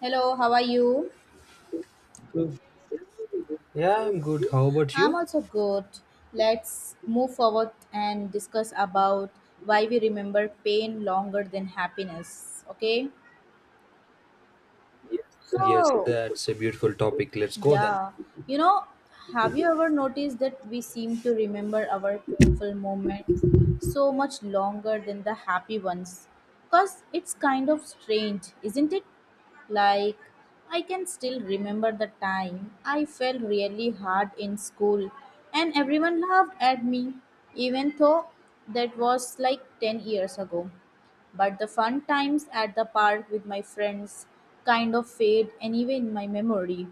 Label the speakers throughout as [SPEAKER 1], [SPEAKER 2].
[SPEAKER 1] Hello, how are you?
[SPEAKER 2] So, yeah, I'm good. How about
[SPEAKER 1] I'm
[SPEAKER 2] you?
[SPEAKER 1] also good. Let's move forward and discuss about why we remember pain longer than happiness. Okay?
[SPEAKER 2] Yes,
[SPEAKER 1] So,
[SPEAKER 2] that's a beautiful topic. Let's go then.
[SPEAKER 1] yeah. You know, have you ever noticed that we seem to remember our painful moments so much longer than the happy ones? Because it's kind of strange, isn't it? Like, I can still remember the time I fell really hard in school and everyone laughed at me, even though that was like 10 years ago. But the fun times at the park with my friends kind of fade anyway in my memory.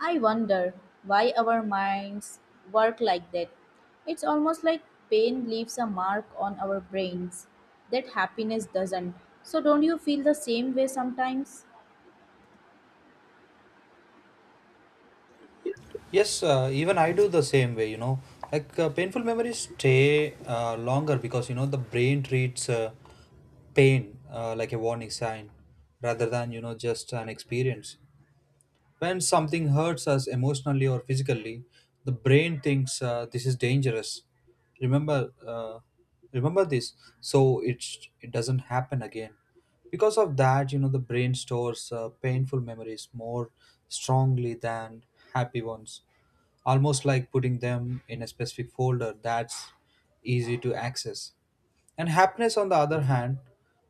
[SPEAKER 1] I wonder why our minds work like that. It's almost like pain leaves a mark on our brains that happiness doesn't. So, don't you feel the same way sometimes?
[SPEAKER 2] Yes, even I do the same way, Painful memories stay longer because, you know, the brain treats pain like a warning sign rather than, just an experience. When something hurts us emotionally or physically, the brain thinks, this is dangerous. Remember, uh, Remember this, so it doesn't happen again. Because of that, you know, the brain stores painful memories more strongly than happy ones, almost like putting them in a specific folder that's easy to access. And happiness, on the other hand,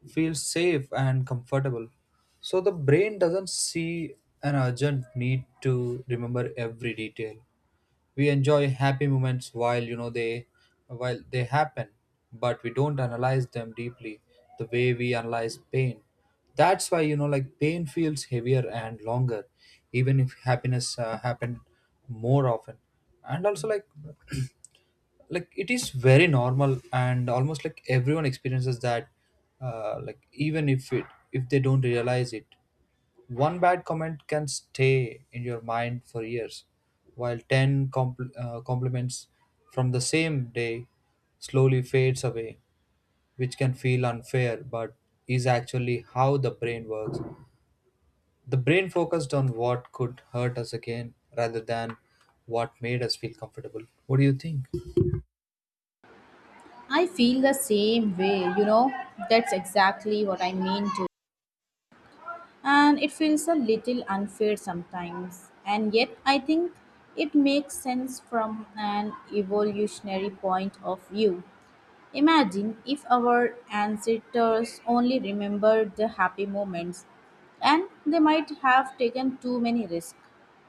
[SPEAKER 2] feels safe and comfortable. So the brain doesn't see an urgent need to remember every detail. We enjoy happy moments while you know they while they happen, but we don't analyze them deeply the way we analyze pain. That's why pain feels heavier and longer, even if happiness happened more often. And also like like it is very normal and almost like everyone experiences that, like even if they don't realize it. One bad comment can stay in your mind for years, while 10 compliments from the same day slowly fades away, which can feel unfair but is actually how the brain works. The brain focused on what could hurt us again rather than what made us feel comfortable. What do you think?
[SPEAKER 1] I feel the same way, you know. That's exactly what I mean to. And it feels a little unfair sometimes. And yet, I think it makes sense from an evolutionary point of view. Imagine if our ancestors only remembered the happy moments and they might have taken too many risks.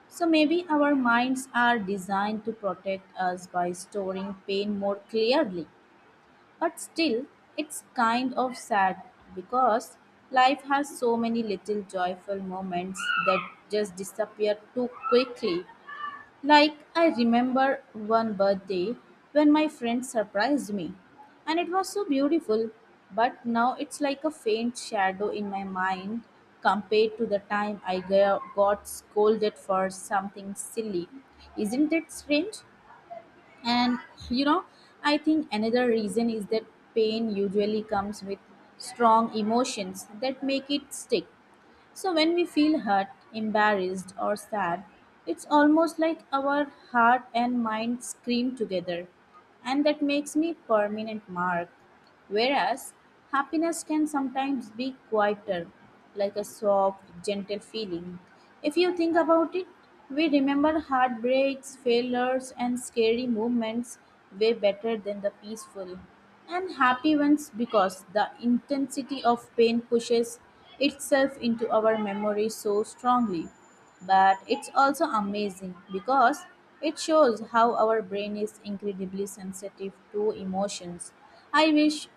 [SPEAKER 1] So maybe our minds are designed to protect us by storing pain more clearly. But still, it's kind of sad because life has so many little joyful moments that just disappear too quickly. Like, I remember one birthday when my friend surprised me, and it was so beautiful, but now it's like a faint shadow in my mind compared to the time I got scolded for something silly. Isn't it strange? And you know, I think another reason is that pain usually comes with strong emotions that make it stick. So when we feel hurt, embarrassed, or sad, it's almost like our heart and mind scream together, and that makes me permanent mark. Whereas happiness can sometimes be quieter, like a soft, gentle feeling. If you think about it, we remember heartbreaks, failures, and scary moments way better than the peaceful. And happy ones because the intensity of pain pushes itself into our memory so strongly. But it's also amazing because it shows how our brain is incredibly sensitive to emotions. I wish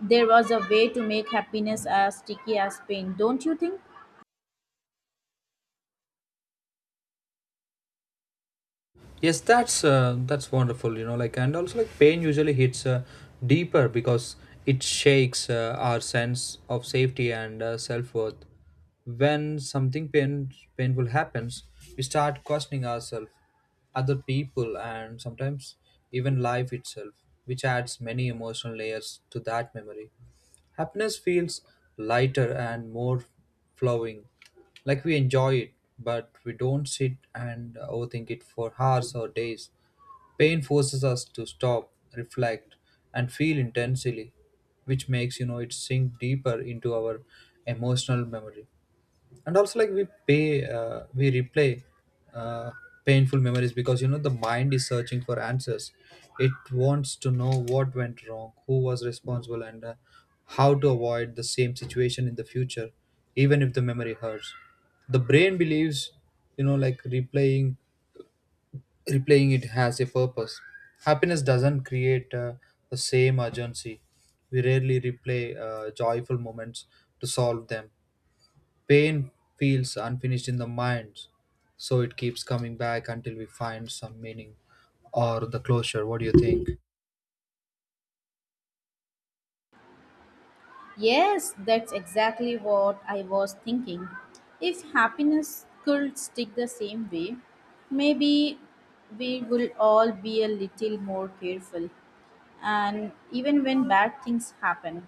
[SPEAKER 1] there was a way to make happiness as sticky as pain, don't you think?
[SPEAKER 2] Yes, that's wonderful. You know, and also like pain usually hits deeper because it shakes our sense of safety and self worth. When something painful happens, we start questioning ourselves, other people, and sometimes even life itself, which adds many emotional layers to that memory. Happiness feels lighter and more flowing, like we enjoy it, but we don't sit and overthink it for hours or days. Pain forces us to stop, reflect, and feel intensely, which makes it sink deeper into our emotional memory. And also like we replay uh, painful memories because, you know, the mind is searching for answers. It wants to know what went wrong, who was responsible, and how to avoid the same situation in the future. Even if the memory hurts, the brain believes, you know, like replaying it has a purpose. Happiness doesn't create the same urgency. We rarely replay joyful moments to solve them. Pain feels unfinished in the mind, so it keeps coming back until we find some meaning or the closure. What do you think?
[SPEAKER 1] Yes, that's exactly what I was thinking. If happiness could stick the same way, maybe we will all be a little more careful. And even when bad things happen,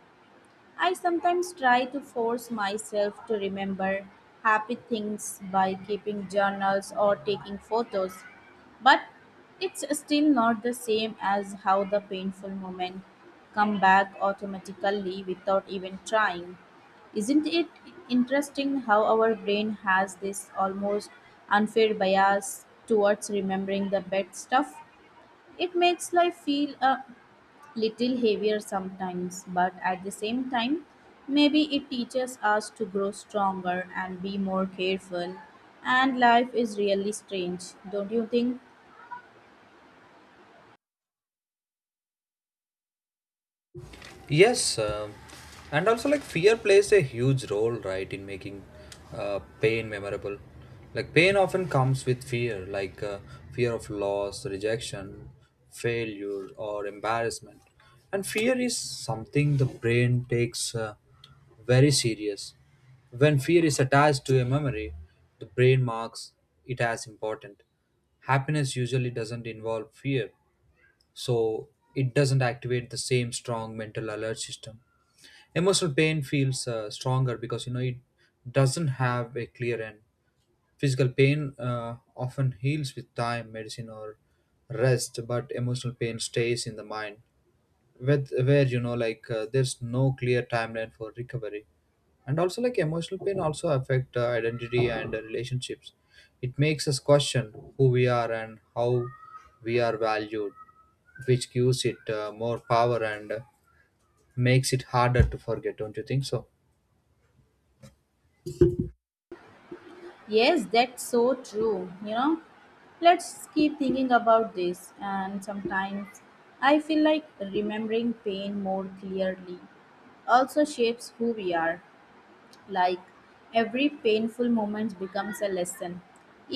[SPEAKER 1] I sometimes try to force myself to remember happy things by keeping journals or taking photos, but it's still not the same as how the painful moment come back automatically without even trying. Isn't it interesting how our brain has this almost unfair bias towards remembering the bad stuff? It makes life feel a little heavier sometimes, but at the same time, maybe it teaches us to grow stronger and be more careful. And life is really strange, don't you think?
[SPEAKER 2] Yes, and also like fear plays a huge role, right, in making pain memorable. Like pain often comes with fear, like fear of loss, rejection, failure, or embarrassment. And fear is something the brain takes very serious. When fear is attached to a memory, the brain marks it as important. Happiness usually doesn't involve fear, so it doesn't activate the same strong mental alert system. Emotional pain feels stronger because, you know, it doesn't have a clear end. Physical pain often heals with time, medicine, or rest, but emotional pain stays in the mind, with where, there's no clear timeline for recovery. And also like emotional pain also affect identity and relationships. It makes us question who we are and how we are valued, which gives it more power and makes it harder to forget. Don't you think so?
[SPEAKER 1] Yes, that's so true. You know, let's keep thinking about this. And sometimes I feel like remembering pain more clearly also shapes who we are. Like every painful moment becomes a lesson,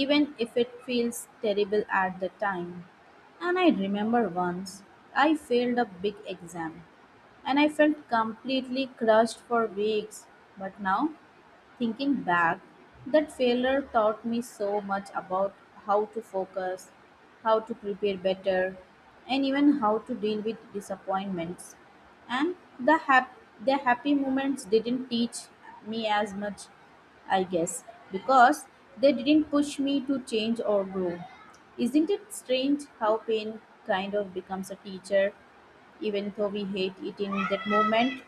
[SPEAKER 1] even if it feels terrible at the time. And I remember once I failed a big exam and I felt completely crushed for weeks. But now thinking back, that failure taught me so much about how to focus, how to prepare better, and even how to deal with disappointments. And the happy moments didn't teach me as much, I guess, because they didn't push me to change or grow. Isn't it strange how pain kind of becomes a teacher even though we hate it in that moment?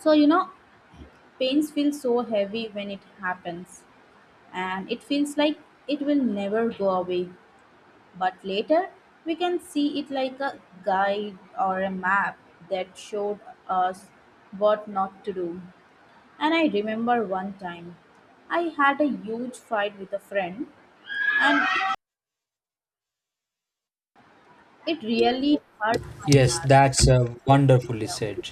[SPEAKER 1] So, you know, pains feel so heavy when it happens, and it feels like it will never go away. But later, we can see it like a guide or a map that showed us what not to do. And I remember one time I had a huge fight with a friend, and it really hurt my
[SPEAKER 2] Yes,
[SPEAKER 1] heart.
[SPEAKER 2] that's wonderfully
[SPEAKER 1] Yeah.
[SPEAKER 2] said.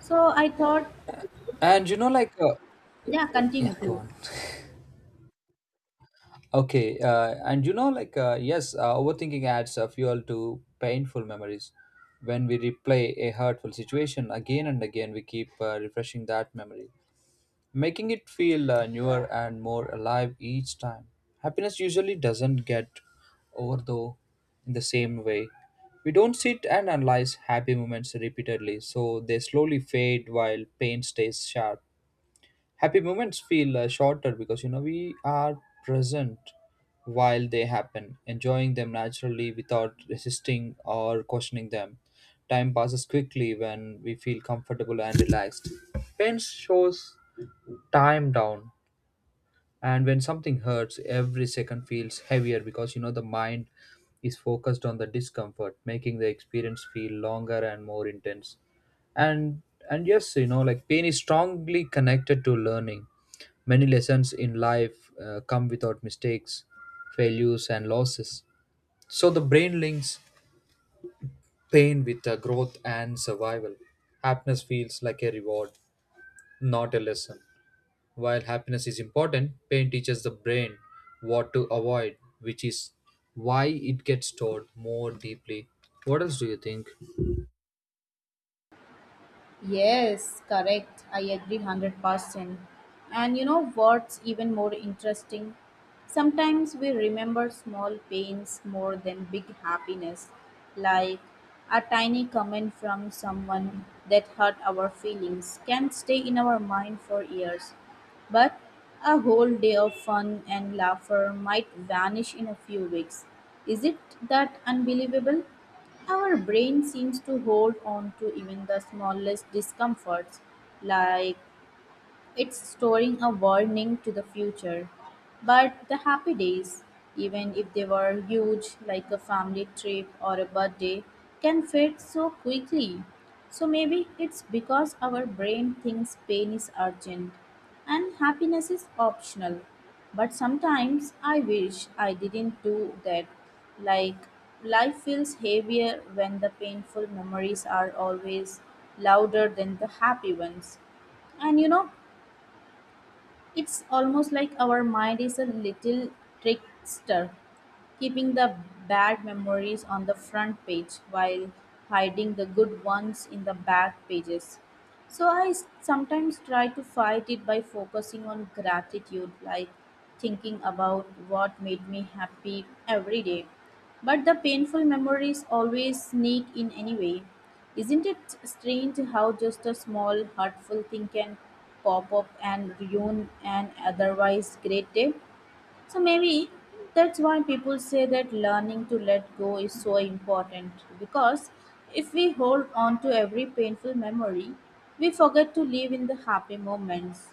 [SPEAKER 1] So I thought,
[SPEAKER 2] And you know like
[SPEAKER 1] yeah, continue,
[SPEAKER 2] yeah go
[SPEAKER 1] please.
[SPEAKER 2] on Okay, and yes, overthinking adds a fuel to painful memories. When we replay a hurtful situation again and again, we keep refreshing that memory, making it feel newer and more alive each time. Happiness usually doesn't get over, though, in the same way. We don't sit and analyze happy moments repeatedly, so they slowly fade while pain stays sharp. Happy moments feel shorter because, you know, we are present while they happen, enjoying them naturally without resisting or questioning them. Time passes quickly when we feel comfortable and relaxed. Pain shows time down, and when something hurts, every second feels heavier because, you know, the mind is focused on the discomfort, making the experience feel longer and more intense. And and yes, you know, like pain is strongly connected to learning. Many lessons in life come without mistakes, failures and losses. So the brain links pain with growth and survival. Happiness feels like a reward, not a lesson. While happiness is important, pain teaches the brain what to avoid, which is why it gets stored more deeply. What else do you think?
[SPEAKER 1] Yes, correct. I agree 100%. And you know what's even more interesting? Sometimes we remember small pains more than big happiness, like a tiny comment from someone that hurt our feelings can stay in our mind for years. But a whole day of fun and laughter might vanish in a few weeks. Is it that unbelievable? Our brain seems to hold on to even the smallest discomforts, like it's storing a warning to the future. But the happy days, even if they were huge, like a family trip or a birthday, can fade so quickly. So maybe it's because our brain thinks pain is urgent and happiness is optional. But sometimes I wish I didn't do that. Like life feels heavier when the painful memories are always louder than the happy ones. And you know, it's almost like our mind is a little trickster keeping the bad memories on the front page while hiding the good ones in the back pages. So I sometimes try to fight it by focusing on gratitude, like thinking about what made me happy every day. But the painful memories always sneak in anyway. Isn't it strange how just a small hurtful thing can pop up and ruin an otherwise great day? So maybe that's why people say that learning to let go is so important because if we hold on to every painful memory, we forget to live in the happy moments.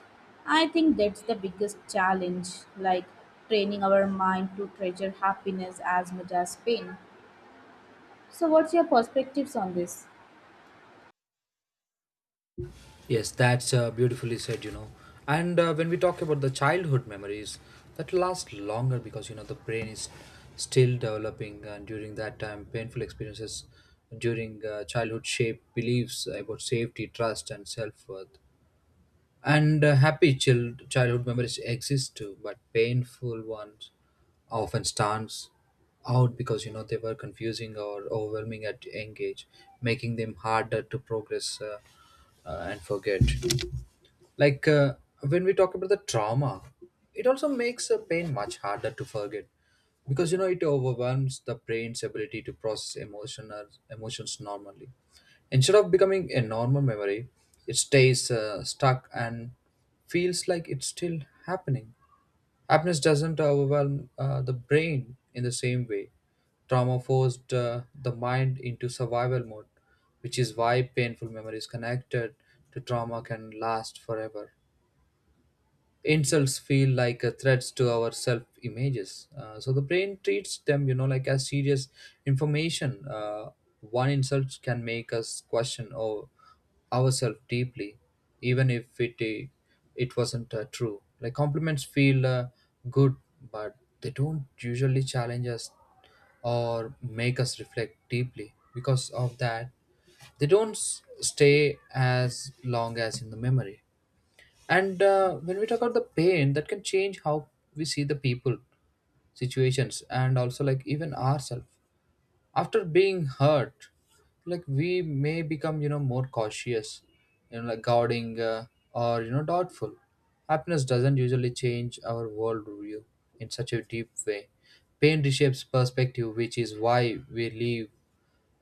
[SPEAKER 1] I think that's the biggest challenge, like training our mind to treasure happiness as much as pain. So, what's your perspectives on this?
[SPEAKER 2] Yes, that's beautifully said, you know. And when we talk about the childhood memories, that last longer because, you know, the brain is still developing, and during that time, painful experiences during childhood shape beliefs about safety, trust, and self worth. And happy childhood memories exist too, but painful ones often stands out because, you know, they were confusing or overwhelming at young age, making them harder to progress and forget. like uh, when we talk about the trauma, it also makes a pain much harder to forget because, you know, it overwhelms the brain's ability to process emotion or emotions normally. Instead of becoming a normal memory, it stays stuck, and feels like it's still happening. Happiness doesn't overwhelm the brain in the same way. Trauma forced the mind into survival mode, which is why painful memories connected to trauma can last forever. Insults feel like threats to our self images, so the brain treats them, you know, like, as serious information. One insult can make us question or ourselves deeply, even if it wasn't true. Like compliments feel good, but they don't usually challenge us or make us reflect deeply. Because of that, they don't stay as long as in the memory. And when we talk about the pain, that can change how we see the people, situations, and also like even ourselves. After being hurt, like we may become, you know, more cautious, you know, like guarding or doubtful. Happiness doesn't usually change our worldview in such a deep way. Pain reshapes perspective, which is why we leave,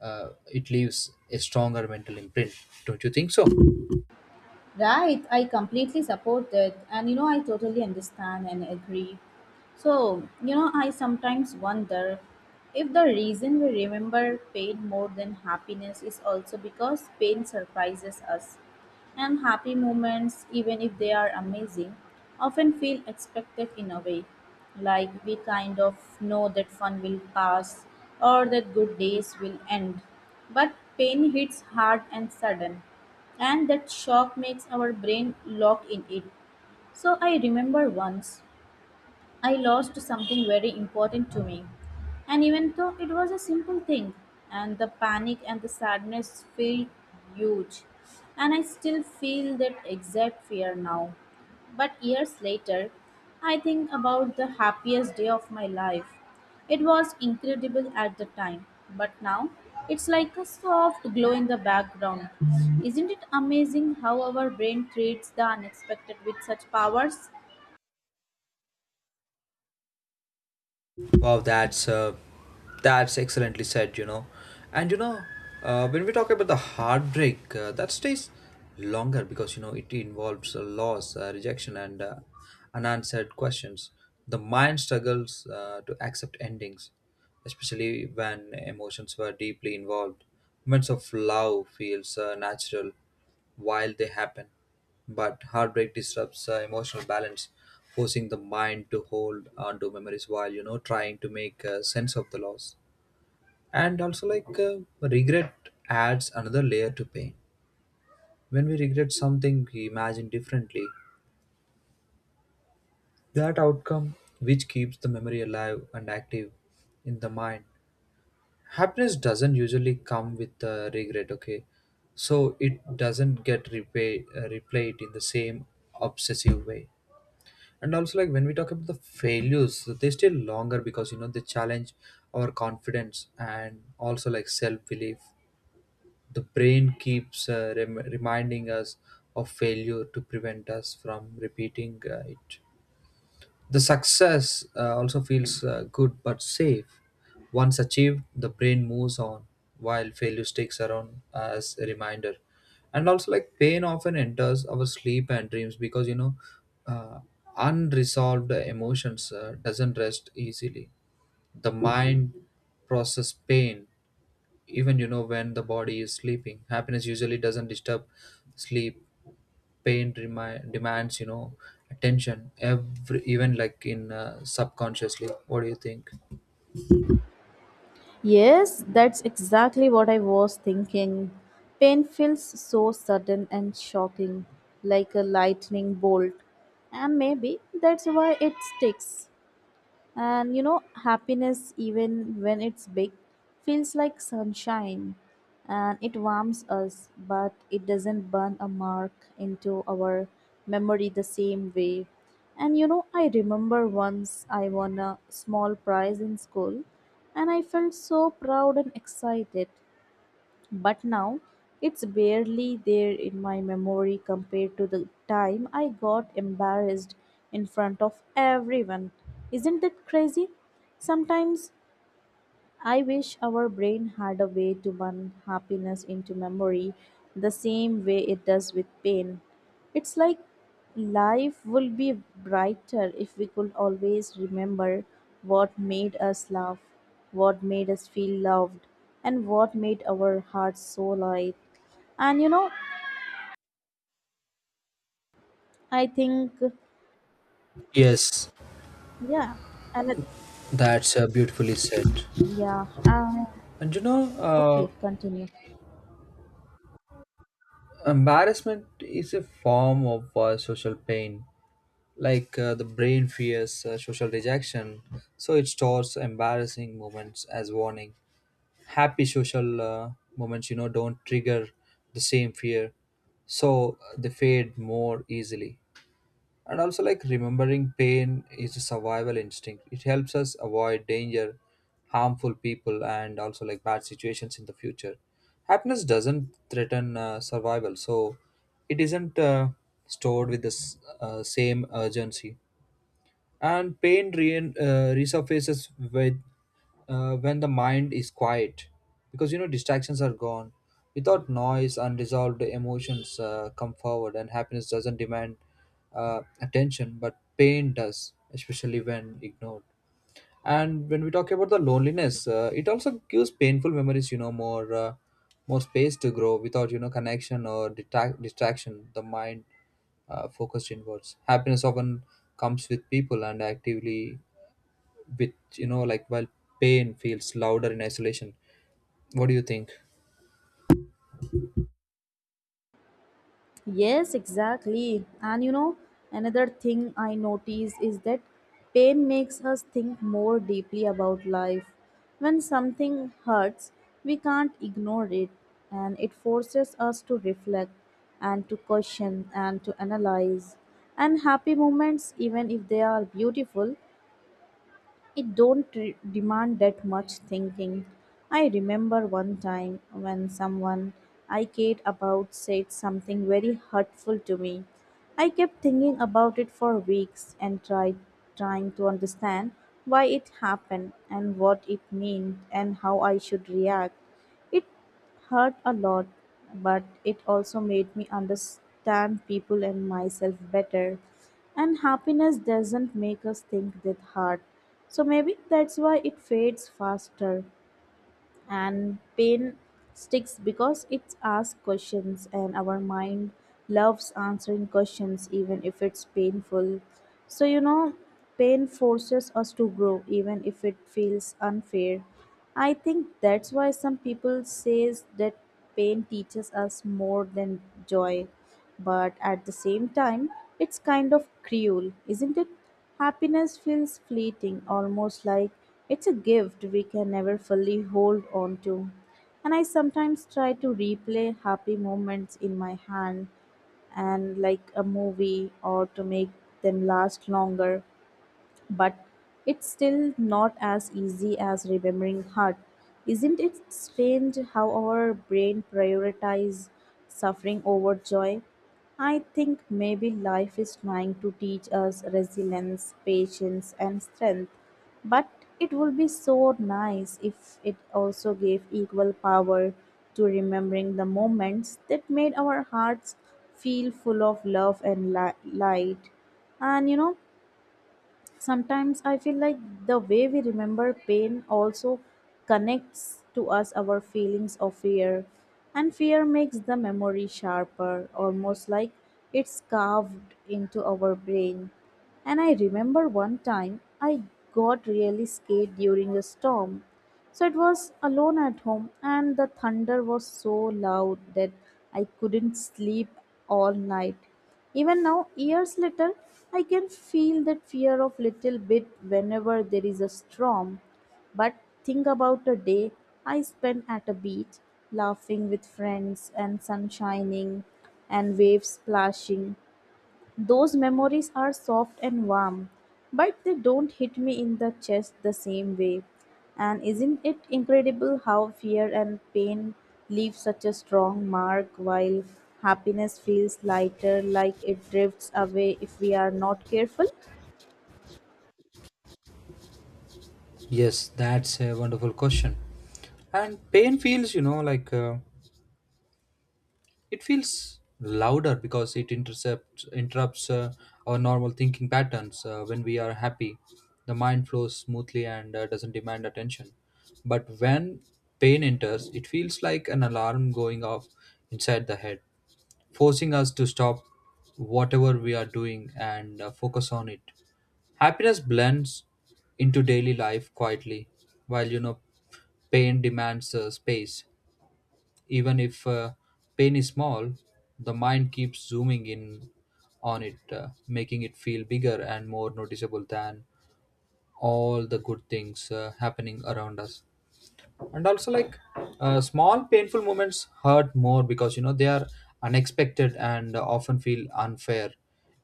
[SPEAKER 2] uh, it leaves a stronger mental imprint. Don't you think so?
[SPEAKER 1] Right, I completely support that, and you know, I totally understand and agree. So, you know, I sometimes wonder if the reason we remember pain more than happiness is also because pain surprises us. And happy moments, even if they are amazing, often feel expected in a way. Like we kind of know that fun will pass or that good days will end. But pain hits hard and sudden and that shock makes our brain lock in it. So I remember once I lost something very important to me. And even though it was a simple thing, and the panic and the sadness felt huge. And I still feel that exact fear now. But years later, I think about the happiest day of my life. It was incredible at the time, but now it's like a soft glow in the background. Isn't it amazing how our brain treats the unexpected with such powers?
[SPEAKER 2] Wow, that's excellently said, you know. And you know, when we talk about the heartbreak, that stays longer because, you know, it involves loss, rejection, and unanswered questions. The mind struggles to accept endings, especially when emotions were deeply involved. Moments of love feels natural while they happen, but heartbreak disrupts emotional balance, forcing the mind to hold onto memories while, you know, trying to make sense of the loss. And also, regret adds another layer to pain. When we regret something, we imagine differently that outcome, which keeps the memory alive and active in the mind. Happiness doesn't usually come with regret, okay? So it doesn't get replayed in the same obsessive way. And also like when we talk about the failures, they stay longer because, you know, they challenge our confidence and also like self-belief. The brain keeps reminding us of failure to prevent us from repeating it. The success also feels good but safe. Once achieved, the brain moves on while failure sticks around as a reminder. And also, like pain often enters our sleep and dreams because, you know, uh, unresolved emotions doesn't rest easily. The mind process pain even, you know, when the body is sleeping. Happiness usually doesn't disturb sleep. Pain demands, you know, attention every even, like, in subconsciously. What do you think?
[SPEAKER 1] Yes, that's exactly what I was thinking. Pain feels so sudden and shocking, like a lightning bolt. And maybe that's why it sticks. And you know, happiness, even when it's big, feels like sunshine and it warms us, but it doesn't burn a mark into our memory the same way. And you know, I remember once I won a small prize in school and I felt so proud and excited. But now it's barely there in my memory compared to the time I got embarrassed in front of everyone. Isn't that crazy? Sometimes I wish our brain had a way to burn happiness into memory the same way it does with pain. It's like life would be brighter if we could always remember what made us laugh, what made us feel loved, and what made our hearts so light. And you know, I think,
[SPEAKER 2] Yes,
[SPEAKER 1] yeah, and it-
[SPEAKER 2] that's beautifully said.
[SPEAKER 1] yeah,
[SPEAKER 2] And you know, uh,
[SPEAKER 1] okay, continue.
[SPEAKER 2] embarrassment is a form of social pain. The brain fears social rejection, so it stores embarrassing moments as warning. Happy social moments, you know, don't trigger the same fear, so they fade more easily. And also, like remembering pain is a survival instinct. It helps us avoid danger, harmful people, and also like bad situations in the future. Happiness doesn't threaten survival, so it isn't stored with the same urgency. And pain resurfaces with when the mind is quiet, because, you know, distractions are gone. Without noise, unresolved emotions come forward. And happiness doesn't demand attention, but pain does, especially when ignored. And when we talk about the loneliness, it also gives painful memories, you know, more space to grow. Without, you know, connection or detract distraction, the mind focused inwards. Happiness often comes with people and actively with, while pain feels louder in isolation. What do you think?
[SPEAKER 1] Yes, exactly. And you know, another thing I notice is that pain makes us think more deeply about life. When something hurts, we can't ignore it, and it forces us to reflect and to question and to analyze. And happy moments, even if they are beautiful, it don't re- demand that much thinking. I remember one time when someone I cared about said something very hurtful to me. I kept thinking about it for weeks and tried trying to understand why it happened and what it meant and how I should react. It hurt a lot, but it also made me understand people and myself better. And happiness doesn't make us think that hard. So maybe that's why it fades faster and pain sticks because it asks questions and our mind loves answering questions even if it's painful. So you know, pain forces us to grow even if it feels unfair. I think that's why some people says that pain teaches us more than joy. But at the same time, it's kind of cruel, isn't it? Happiness feels fleeting, almost like it's a gift we can never fully hold on to. And I sometimes try to replay happy moments in my hand and like a movie or to make them last longer, but it's still not as easy as remembering hurt. Isn't it strange how our brain prioritizes suffering over joy? I think maybe life is trying to teach us resilience, patience, and strength, but it would be so nice if it also gave equal power to remembering the moments that made our hearts feel full of love and light. And you know, Sometimes I feel like the way we remember pain also connects to us our feelings of fear, and fear makes the memory sharper, almost like it's carved into our brain. And I remember one time I got really scared during a storm, so it was alone at home, and the thunder was so loud that I couldn't sleep all night. Even now, years later, I can feel that fear of little bit whenever there is a storm. But think about a day I spent at a beach, laughing with friends and sun shining and waves splashing. Those memories are soft and warm, but they don't hit me in the chest the same way. And isn't it incredible how fear and pain leave such a strong mark while happiness feels lighter, like it drifts away if we are not careful?
[SPEAKER 2] Yes, that's a wonderful question. And pain feels, you know, it feels louder because it intercepts interrupts our normal thinking patterns. When we are happy, the mind flows smoothly and doesn't demand attention. But when pain enters, it feels like an alarm going off inside the head, forcing us to stop whatever we are doing and focus on it. Happiness blends into daily life quietly, while, you know, pain demands space. Even if pain is small, the mind keeps zooming in on it, making it feel bigger and more noticeable than all the good things happening around us. And also like small painful moments hurt more because, you know, they are unexpected and often feel unfair.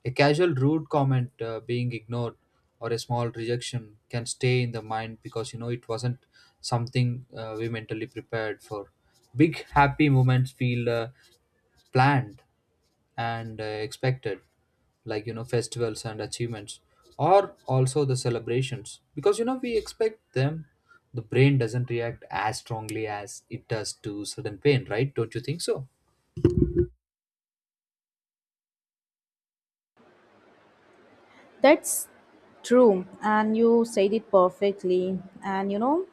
[SPEAKER 2] A casual rude comment, being ignored, or a small rejection can stay in the mind because, you know, it wasn't something we mentally prepared for. Big happy moments feel planned and expected, like, you know, festivals and achievements, or also the celebrations, because, you know, we expect them. The brain doesn't react as strongly as it does to sudden pain, right? Don't you think so?
[SPEAKER 1] That's true, and you said it perfectly. And you know,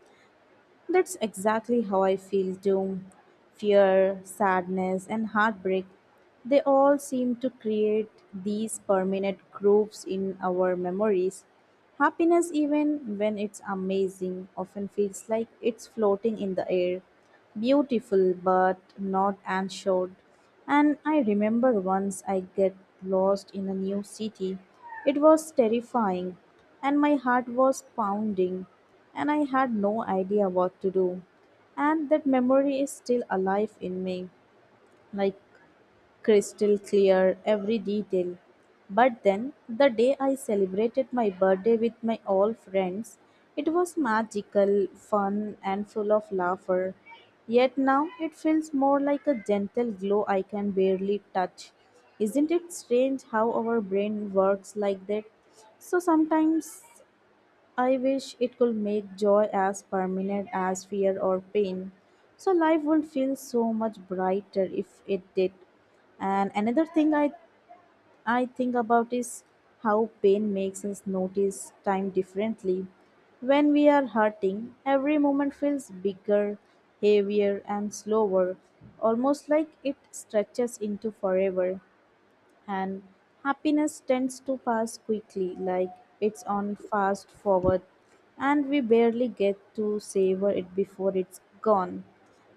[SPEAKER 1] That's exactly how I feel too. Fear, sadness, and heartbreak, they all seem to create these permanent grooves in our memories. Happiness, even when it's amazing, often feels like it's floating in the air, beautiful but not insured. And I remember once I get lost in a new city. It was terrifying and my heart was pounding and I had no idea what to do. And that memory is still alive in me. Like crystal clear every detail. But then, the day I celebrated my birthday with my old friends, it was magical, fun, and full of laughter. Yet now it feels more like a gentle glow I can barely touch. Isn't it strange how our brain works like that? So sometimes I wish it could make joy as permanent as fear or pain. So life would feel so much brighter if it did. And another thing I think about is how pain makes us notice time differently. When we are hurting, every moment feels bigger, heavier and slower, almost like it stretches into forever, and happiness tends to pass quickly like it's on fast forward, and we barely get to savor it before it's gone.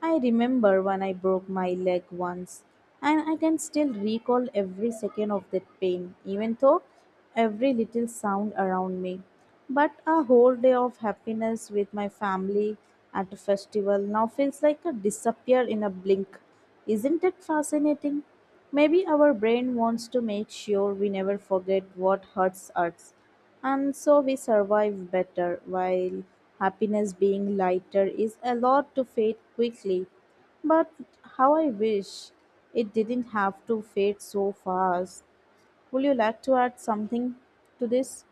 [SPEAKER 1] I remember when I broke my leg once, and I can still recall every second of that pain, even though every little sound around me. But a whole day of happiness with my family at a festival now feels like a disappear in a blink. Isn't it fascinating? Maybe our brain wants to make sure we never forget what hurts us, and so we survive better, while happiness being lighter is allowed to fade quickly. But how I wish it didn't have to fade so fast. Would you like to add something to this?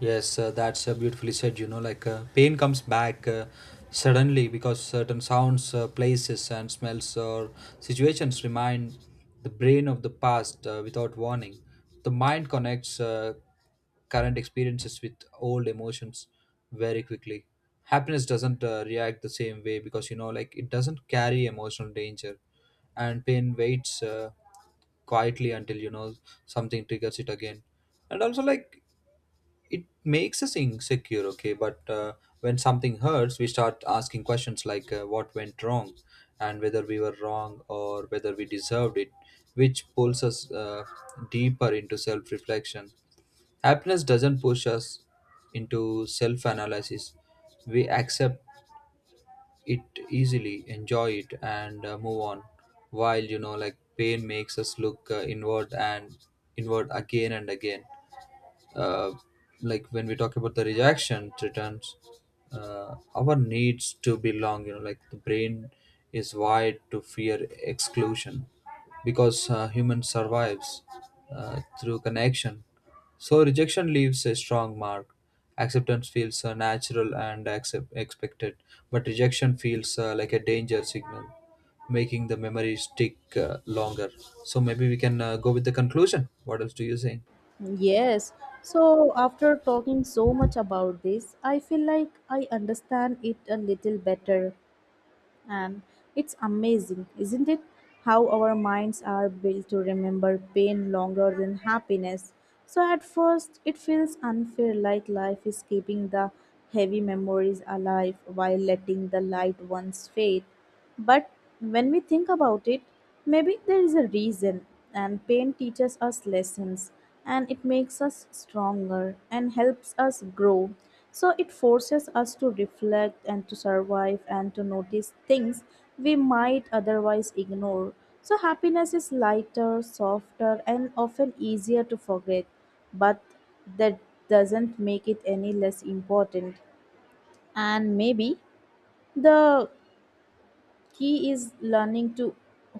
[SPEAKER 2] Yes, that's beautifully said. You know, pain comes back suddenly because certain sounds, places, and smells or situations remind the brain of the past without warning. The mind connects current experiences with old emotions very quickly. Happiness doesn't react the same way because, you know, like it doesn't carry emotional danger, and pain waits, quietly, until, you know, something triggers it again. And also like it makes us insecure, okay? But when something hurts, we start asking questions, like, what went wrong, and whether we were wrong or whether we deserved it, which pulls us deeper into self-reflection. Happiness doesn't push us into self-analysis. We accept it easily, enjoy it, and move on. While, you know, like, pain makes us look inward and inward again and again. Uh, like When we talk about the rejection, returns our needs to belong. You know, like the brain is wired to fear exclusion because human survives through connection. So rejection leaves a strong mark. Acceptance feels natural and expected, but rejection feels like a danger signal, making the memory stick longer. So maybe we can go with the conclusion. What else do you say?
[SPEAKER 1] Yes. So, after talking so much about this, I feel like I understand it a little better. And it's amazing, isn't it? How our minds are built to remember pain longer than happiness. So at first, it feels unfair like life is keeping the heavy memories alive while letting the light ones fade. But when we think about it, maybe there is a reason, and pain teaches us lessons, and it makes us stronger and helps us grow. So it forces us to reflect and to survive and to notice things we might otherwise ignore. So happiness is lighter, softer, and often easier to forget, but that doesn't make it any less important. And maybe the he is learning to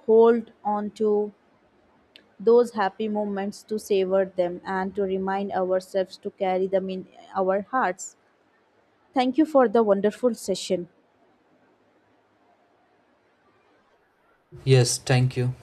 [SPEAKER 1] hold on to those happy moments, to savor them, and to remind ourselves to carry them in our hearts. Thank you for the wonderful session.
[SPEAKER 2] Yes, thank you.